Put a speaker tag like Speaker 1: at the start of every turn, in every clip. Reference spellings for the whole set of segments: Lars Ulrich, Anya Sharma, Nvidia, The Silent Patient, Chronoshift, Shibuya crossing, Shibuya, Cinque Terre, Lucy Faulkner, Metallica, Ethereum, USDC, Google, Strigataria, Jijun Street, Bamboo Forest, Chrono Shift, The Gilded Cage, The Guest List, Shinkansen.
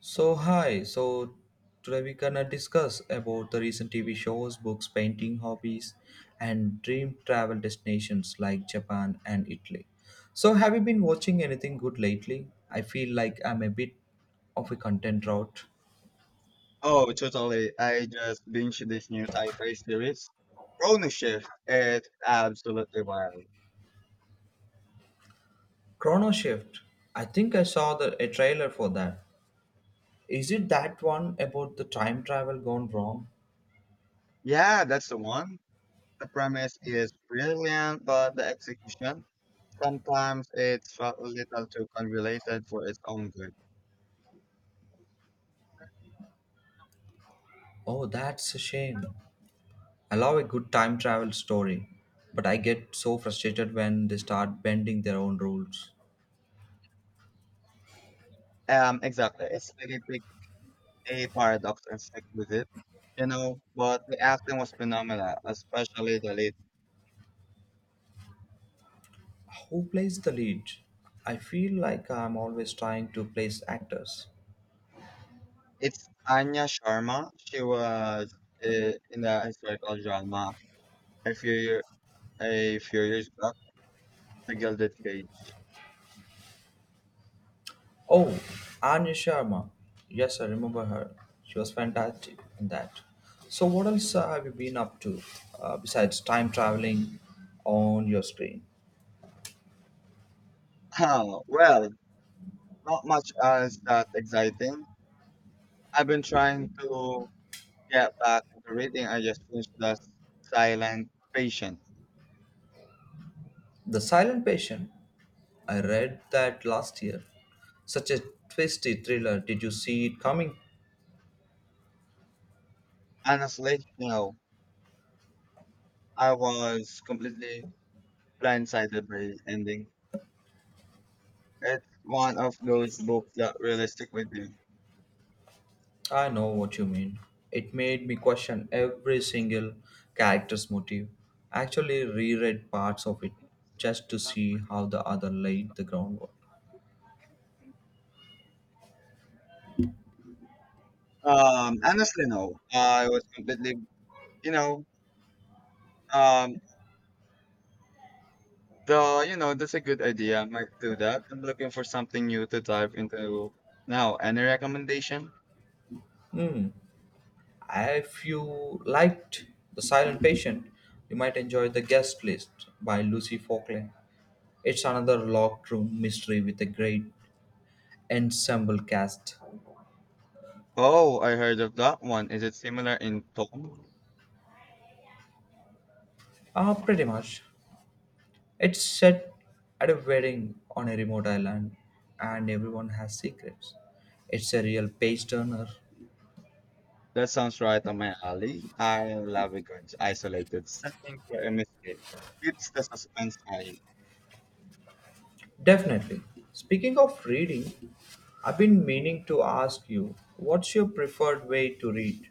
Speaker 1: So hi, so today we gonna discuss about the recent TV shows, books, painting, hobbies, and dream travel destinations like Japan and Italy. So have you been watching anything good lately? I feel like I'm a bit of a content drought.
Speaker 2: Oh, totally. I just binged this new sci-fi series, Chronoshift. It's absolutely wild.
Speaker 1: Chrono Shift. I think I saw the a trailer for that. Is it that one about the time travel gone wrong?
Speaker 2: Yeah, that's the one. The premise is brilliant, but the execution, sometimes it's felt a little too convoluted for its own good.
Speaker 1: Oh, that's a shame. I love a good time travel story, but I get so frustrated when they start bending their own rules.
Speaker 2: Exactly. It's like a big a paradox and stick with it, you know. But the acting was phenomenal, especially the lead.
Speaker 1: Who plays the lead? I feel like I'm always trying to place actors.
Speaker 2: It's Anya Sharma. She was in the historical drama a few years a few years back, The Gilded Cage.
Speaker 1: Oh, Anya Sharma. Yes, I remember her. She was fantastic in that. So, what else have you been up to besides time traveling on your screen?
Speaker 2: Oh, well, not much as that exciting. I've been trying to get back into reading. I just finished The Silent Patient.
Speaker 1: The Silent Patient. I read that last year. Such a twisty thriller. Did you see it coming?
Speaker 2: Honestly, you know, I was completely blindsided by the ending. It's one of those books that really stick with you.
Speaker 1: I know what you mean. It made me question every single character's motive. Actually, reread parts of it just to see how the other laid the groundwork.
Speaker 2: Honestly, no. I was completely, you know, um, The, you know, that's a good idea. I might do that. I'm looking for something new to dive into now. Any recommendation?
Speaker 1: Hmm. If you liked The Silent Patient, you might enjoy The Guest List by Lucy Faulkner. It's another locked room mystery with a great ensemble cast.
Speaker 2: Oh, I heard of that one. Is it similar in tone?
Speaker 1: Ah, pretty much. It's set at a wedding on a remote island, and everyone has secrets. It's a real page turner.
Speaker 2: That sounds right on my alley. I love a good isolated setting for a mystery. It's the suspense high.
Speaker 1: Definitely. Speaking of reading, I've been meaning to ask you, what's your preferred way to read?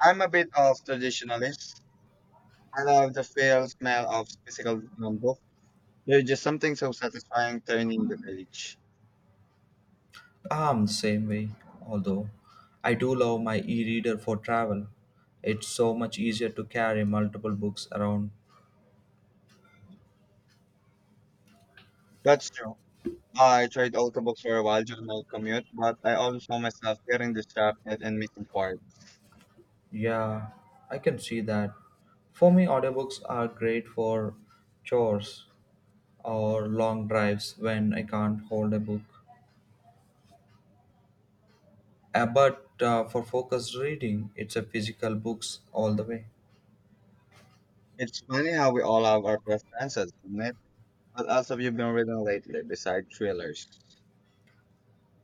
Speaker 2: I'm a bit of traditionalist. I love the feel, smell of physical book. There's just something so satisfying turning the page.
Speaker 1: Same way, although I do love my e reader for travel. It's so much easier to carry multiple books around.
Speaker 2: That's true. I tried audiobooks for a while during my commute, but I always found myself getting distracted and missing parts.
Speaker 1: Yeah, I can see that. For me, audiobooks are great for chores or long drives when I can't hold a book. But for focused reading, it's a physical books all the way.
Speaker 2: It's funny how we all have our preferences, isn't it? What else have you been reading lately besides thrillers?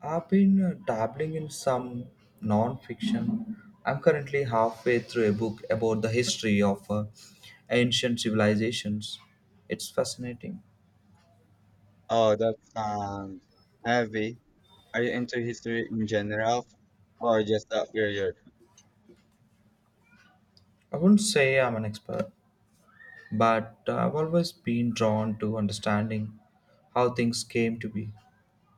Speaker 1: I've been dabbling in some non-fiction. I'm currently halfway through a book about the history of ancient civilizations. It's fascinating.
Speaker 2: Oh, that sounds heavy. Are you into history in general or just that period?
Speaker 1: I wouldn't say I'm an expert, but I've always been drawn to understanding how things came to be.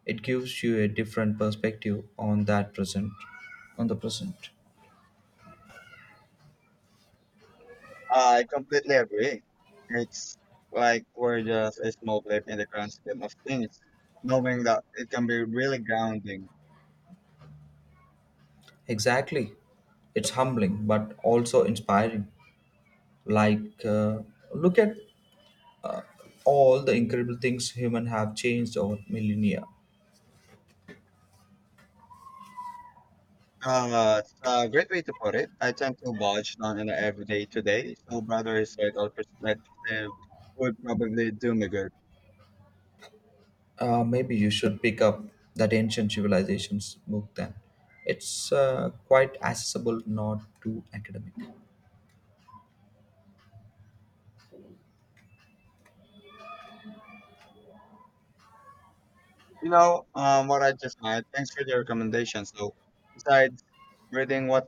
Speaker 1: It gives you a different perspective on on the present.
Speaker 2: I completely agree. It's like we're just a small blip in the grand scheme of things, knowing that it can be really grounding.
Speaker 1: Exactly. It's humbling, but also inspiring. Like, look at all the incredible things humans have changed over millennia.
Speaker 2: It's a great way to put it. I tend to watch on an everyday today, so brother said our perspective would probably do me good.
Speaker 1: Maybe you should pick up that ancient civilizations book then. It's quite accessible, not too academic.
Speaker 2: You know, what I just had. Thanks for the recommendation. So, besides reading, what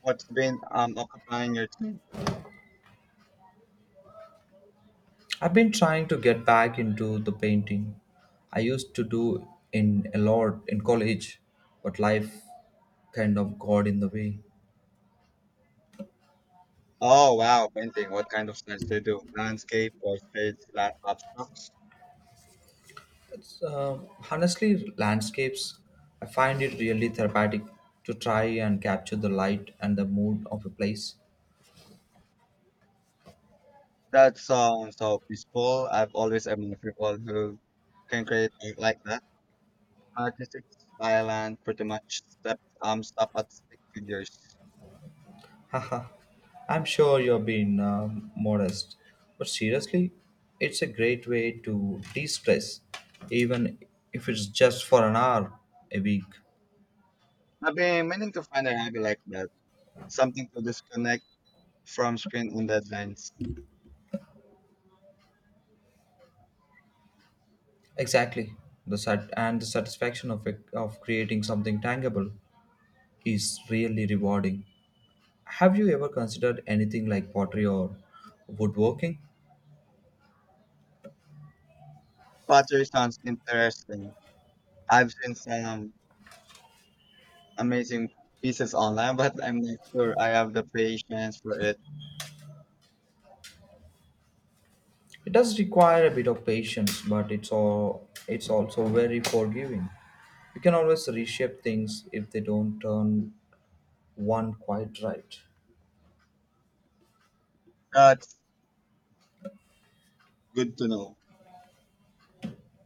Speaker 2: what's been occupying your time?
Speaker 1: I've been trying to get back into the painting. I used to do in a lot in college, but life kind of got in the way.
Speaker 2: Oh wow, painting. What kind of sense do you do? Landscape, portraits, flat abstracts.
Speaker 1: It's, honestly, landscapes, I find it really therapeutic to try and capture the light and the mood of a place.
Speaker 2: That sounds so peaceful. I've always admired people who can create art like that. Artists Thailand pretty much step stop at stick figures.
Speaker 1: Haha, I'm sure you've been modest, but seriously, it's a great way to de stress, even if it's just for an hour a week.
Speaker 2: I've been meaning to find a hobby like that, something to disconnect from screen and deadlines.
Speaker 1: Exactly. And the satisfaction of it, of creating something tangible is really rewarding. Have you ever considered anything like pottery or woodworking?
Speaker 2: Pottery sounds interesting. I've seen some amazing pieces online, but I'm not sure I have the patience for it.
Speaker 1: It does require a bit of patience, but it's also very forgiving. You can always reshape things if they don't turn one quite right.
Speaker 2: That's good to know.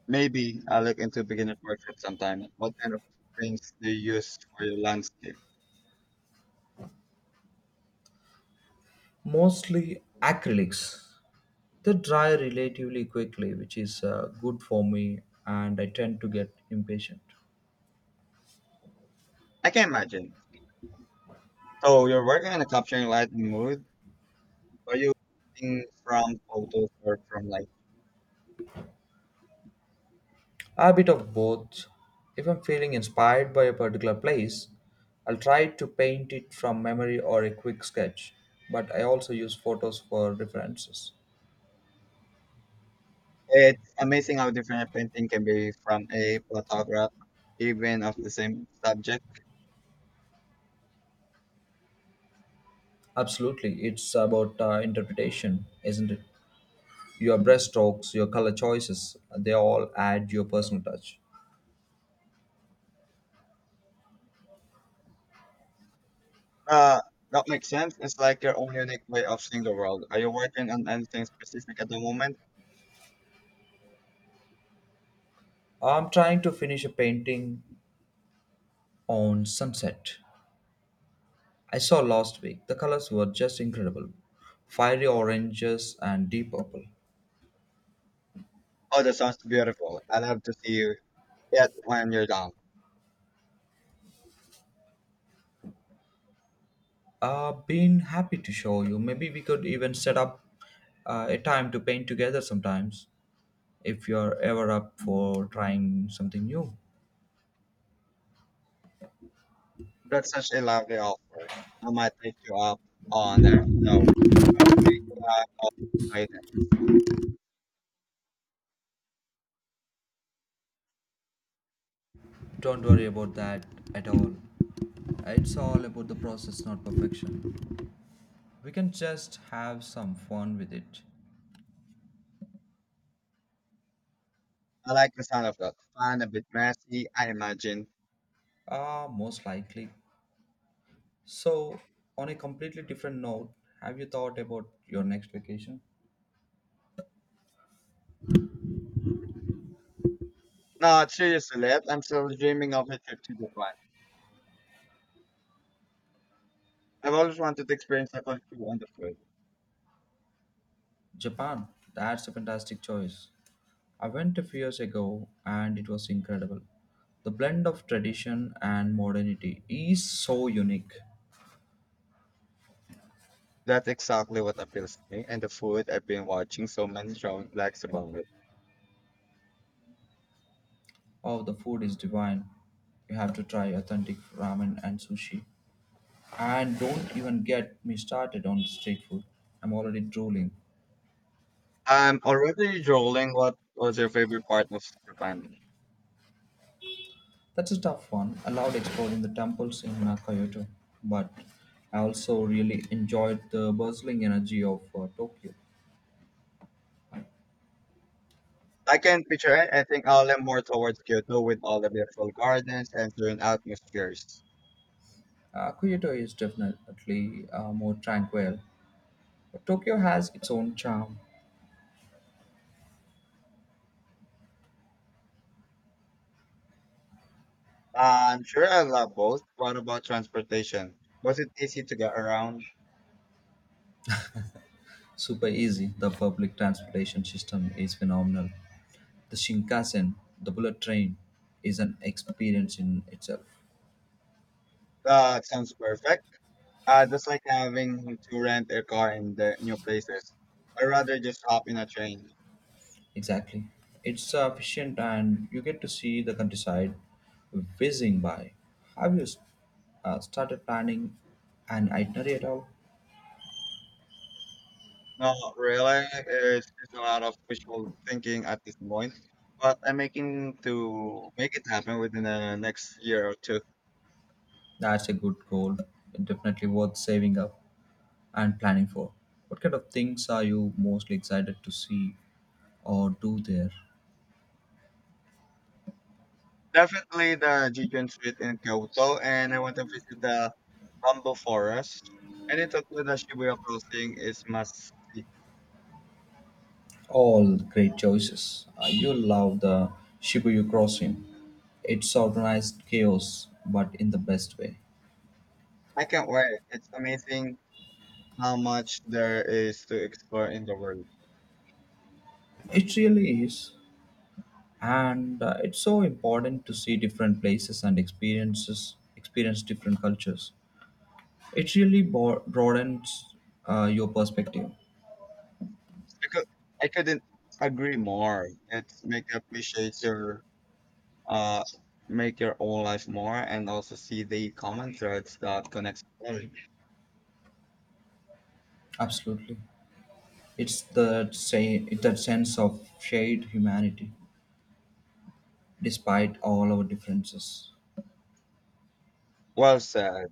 Speaker 2: Maybe I'll look into beginner portrait sometime. What kind of paints do you use for your landscape?
Speaker 1: Mostly acrylics. They dry relatively quickly, which is good for me, and I tend to get impatient.
Speaker 2: I can imagine. So you're working on a capturing light and mood. Are you painting from photos or from like?
Speaker 1: A bit of both. If I'm feeling inspired by a particular place, I'll try to paint it from memory or a quick sketch, but I also use photos for references.
Speaker 2: It's amazing how different a painting can be from a photograph, even of the same subject.
Speaker 1: Absolutely, it's about interpretation, isn't it? Your brushstrokes, your color choices, they all add your personal touch.
Speaker 2: Uh, that makes sense. It's like your own unique way of seeing the world. Are you working on anything specific at the moment?
Speaker 1: I'm trying to finish a painting on sunset. I saw last week. The colors were just incredible, fiery oranges and deep purple.
Speaker 2: Oh, that sounds beautiful. I'd love to see you yet when you're done.
Speaker 1: Been happy to show you. Maybe we could even set up a time to paint together sometimes if you're ever up for trying something new.
Speaker 2: That's such a lovely offer. I might take you up on that. So, I probably make a lot of items.
Speaker 1: Don't worry about that at all. It's all about the process, not perfection. We can just have some fun with it.
Speaker 2: I like the sound of that. Fun, a bit messy, I imagine.
Speaker 1: Ah, most likely. So, on a completely different note, have you thought about your next vacation?
Speaker 2: No, seriously, Left. I'm still dreaming of a trip to Japan. I've always wanted to experience the culture and the food.
Speaker 1: Japan, that's a fantastic choice. I went a few years ago and it was incredible. The blend of tradition and modernity is so unique.
Speaker 2: That's exactly what appeals to me, and the food I've been watching so many show likes about it.
Speaker 1: Oh, the food is divine. You have to try authentic ramen and sushi. And don't even get me started on street food. I'm already drooling.
Speaker 2: I'm already drooling. What was your favorite part of Japan?
Speaker 1: That's a tough one. I loved exploring the temples in Kyoto, but I also really enjoyed the bustling energy of Tokyo.
Speaker 2: I can picture it. I think I'll lean more towards Kyoto with all the beautiful gardens and serene atmospheres.
Speaker 1: Kyoto is definitely more tranquil, but Tokyo has its own charm.
Speaker 2: I'm sure I love both. What about transportation? Was it easy to get around?
Speaker 1: Super easy, the public transportation system is phenomenal. The Shinkansen, the bullet train, is an experience in itself.
Speaker 2: That sounds perfect. Just like having to rent a car in the new places. I'd rather just hop in a train.
Speaker 1: Exactly. It's efficient and you get to see the countryside whizzing by. Have you started planning an itinerary at all?
Speaker 2: No, really, it's just a lot of wishful thinking at this point. But I'm making to make it happen within the next year or two.
Speaker 1: That's a good goal. Definitely worth saving up and planning for. What kind of things are you mostly excited to see or do there?
Speaker 2: Definitely the Jijun Street in Kyoto, and I want to visit the Bamboo Forest. And it's up to the Shibuya crossing is must see.
Speaker 1: All great choices. You love the Shibuya crossing. It's organized chaos, but in the best way.
Speaker 2: I can't wait. It's amazing how much there is to explore in the world.
Speaker 1: It really is, and it's so important to see different places and experience different cultures. It really broadens your perspective.
Speaker 2: I could I couldn't agree more. It's make you appreciate your uh make your own life more and also see the common threads that connects the story.
Speaker 1: Absolutely, it's the say it's that sense of shared humanity despite all our differences.
Speaker 2: Well said.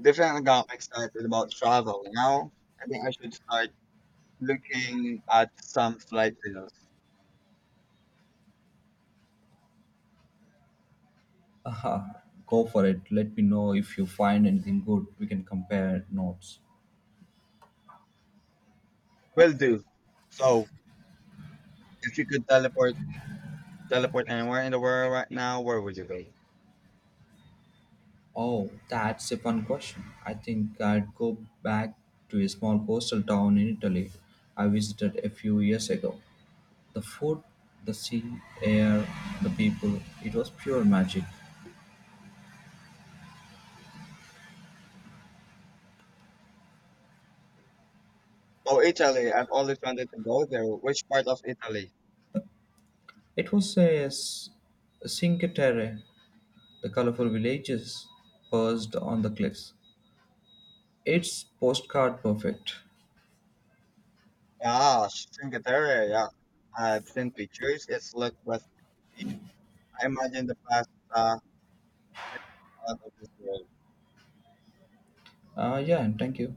Speaker 2: Definitely got me excited about travel now. I think I should start looking at some flight deals.
Speaker 1: Aha, go for it. Let me know if you find anything good. We can compare notes.
Speaker 2: Will do. So if you could teleport anywhere in the world right now, where would you go?
Speaker 1: Oh, that's a fun question. I think I'd go back to a small coastal town in Italy I visited a few years ago. The food, the sea, air, the people, it was pure magic.
Speaker 2: Oh Italy. I've always wanted to go there. Which part of Italy?
Speaker 1: It was a Cinque Terre, the colorful villages perched on the cliffs. It's postcard perfect.
Speaker 2: Yeah, Strigataria, yeah. I've seen pictures. It's look breathtaking. I imagine the pasta out of this world.
Speaker 1: Yeah, and thank you.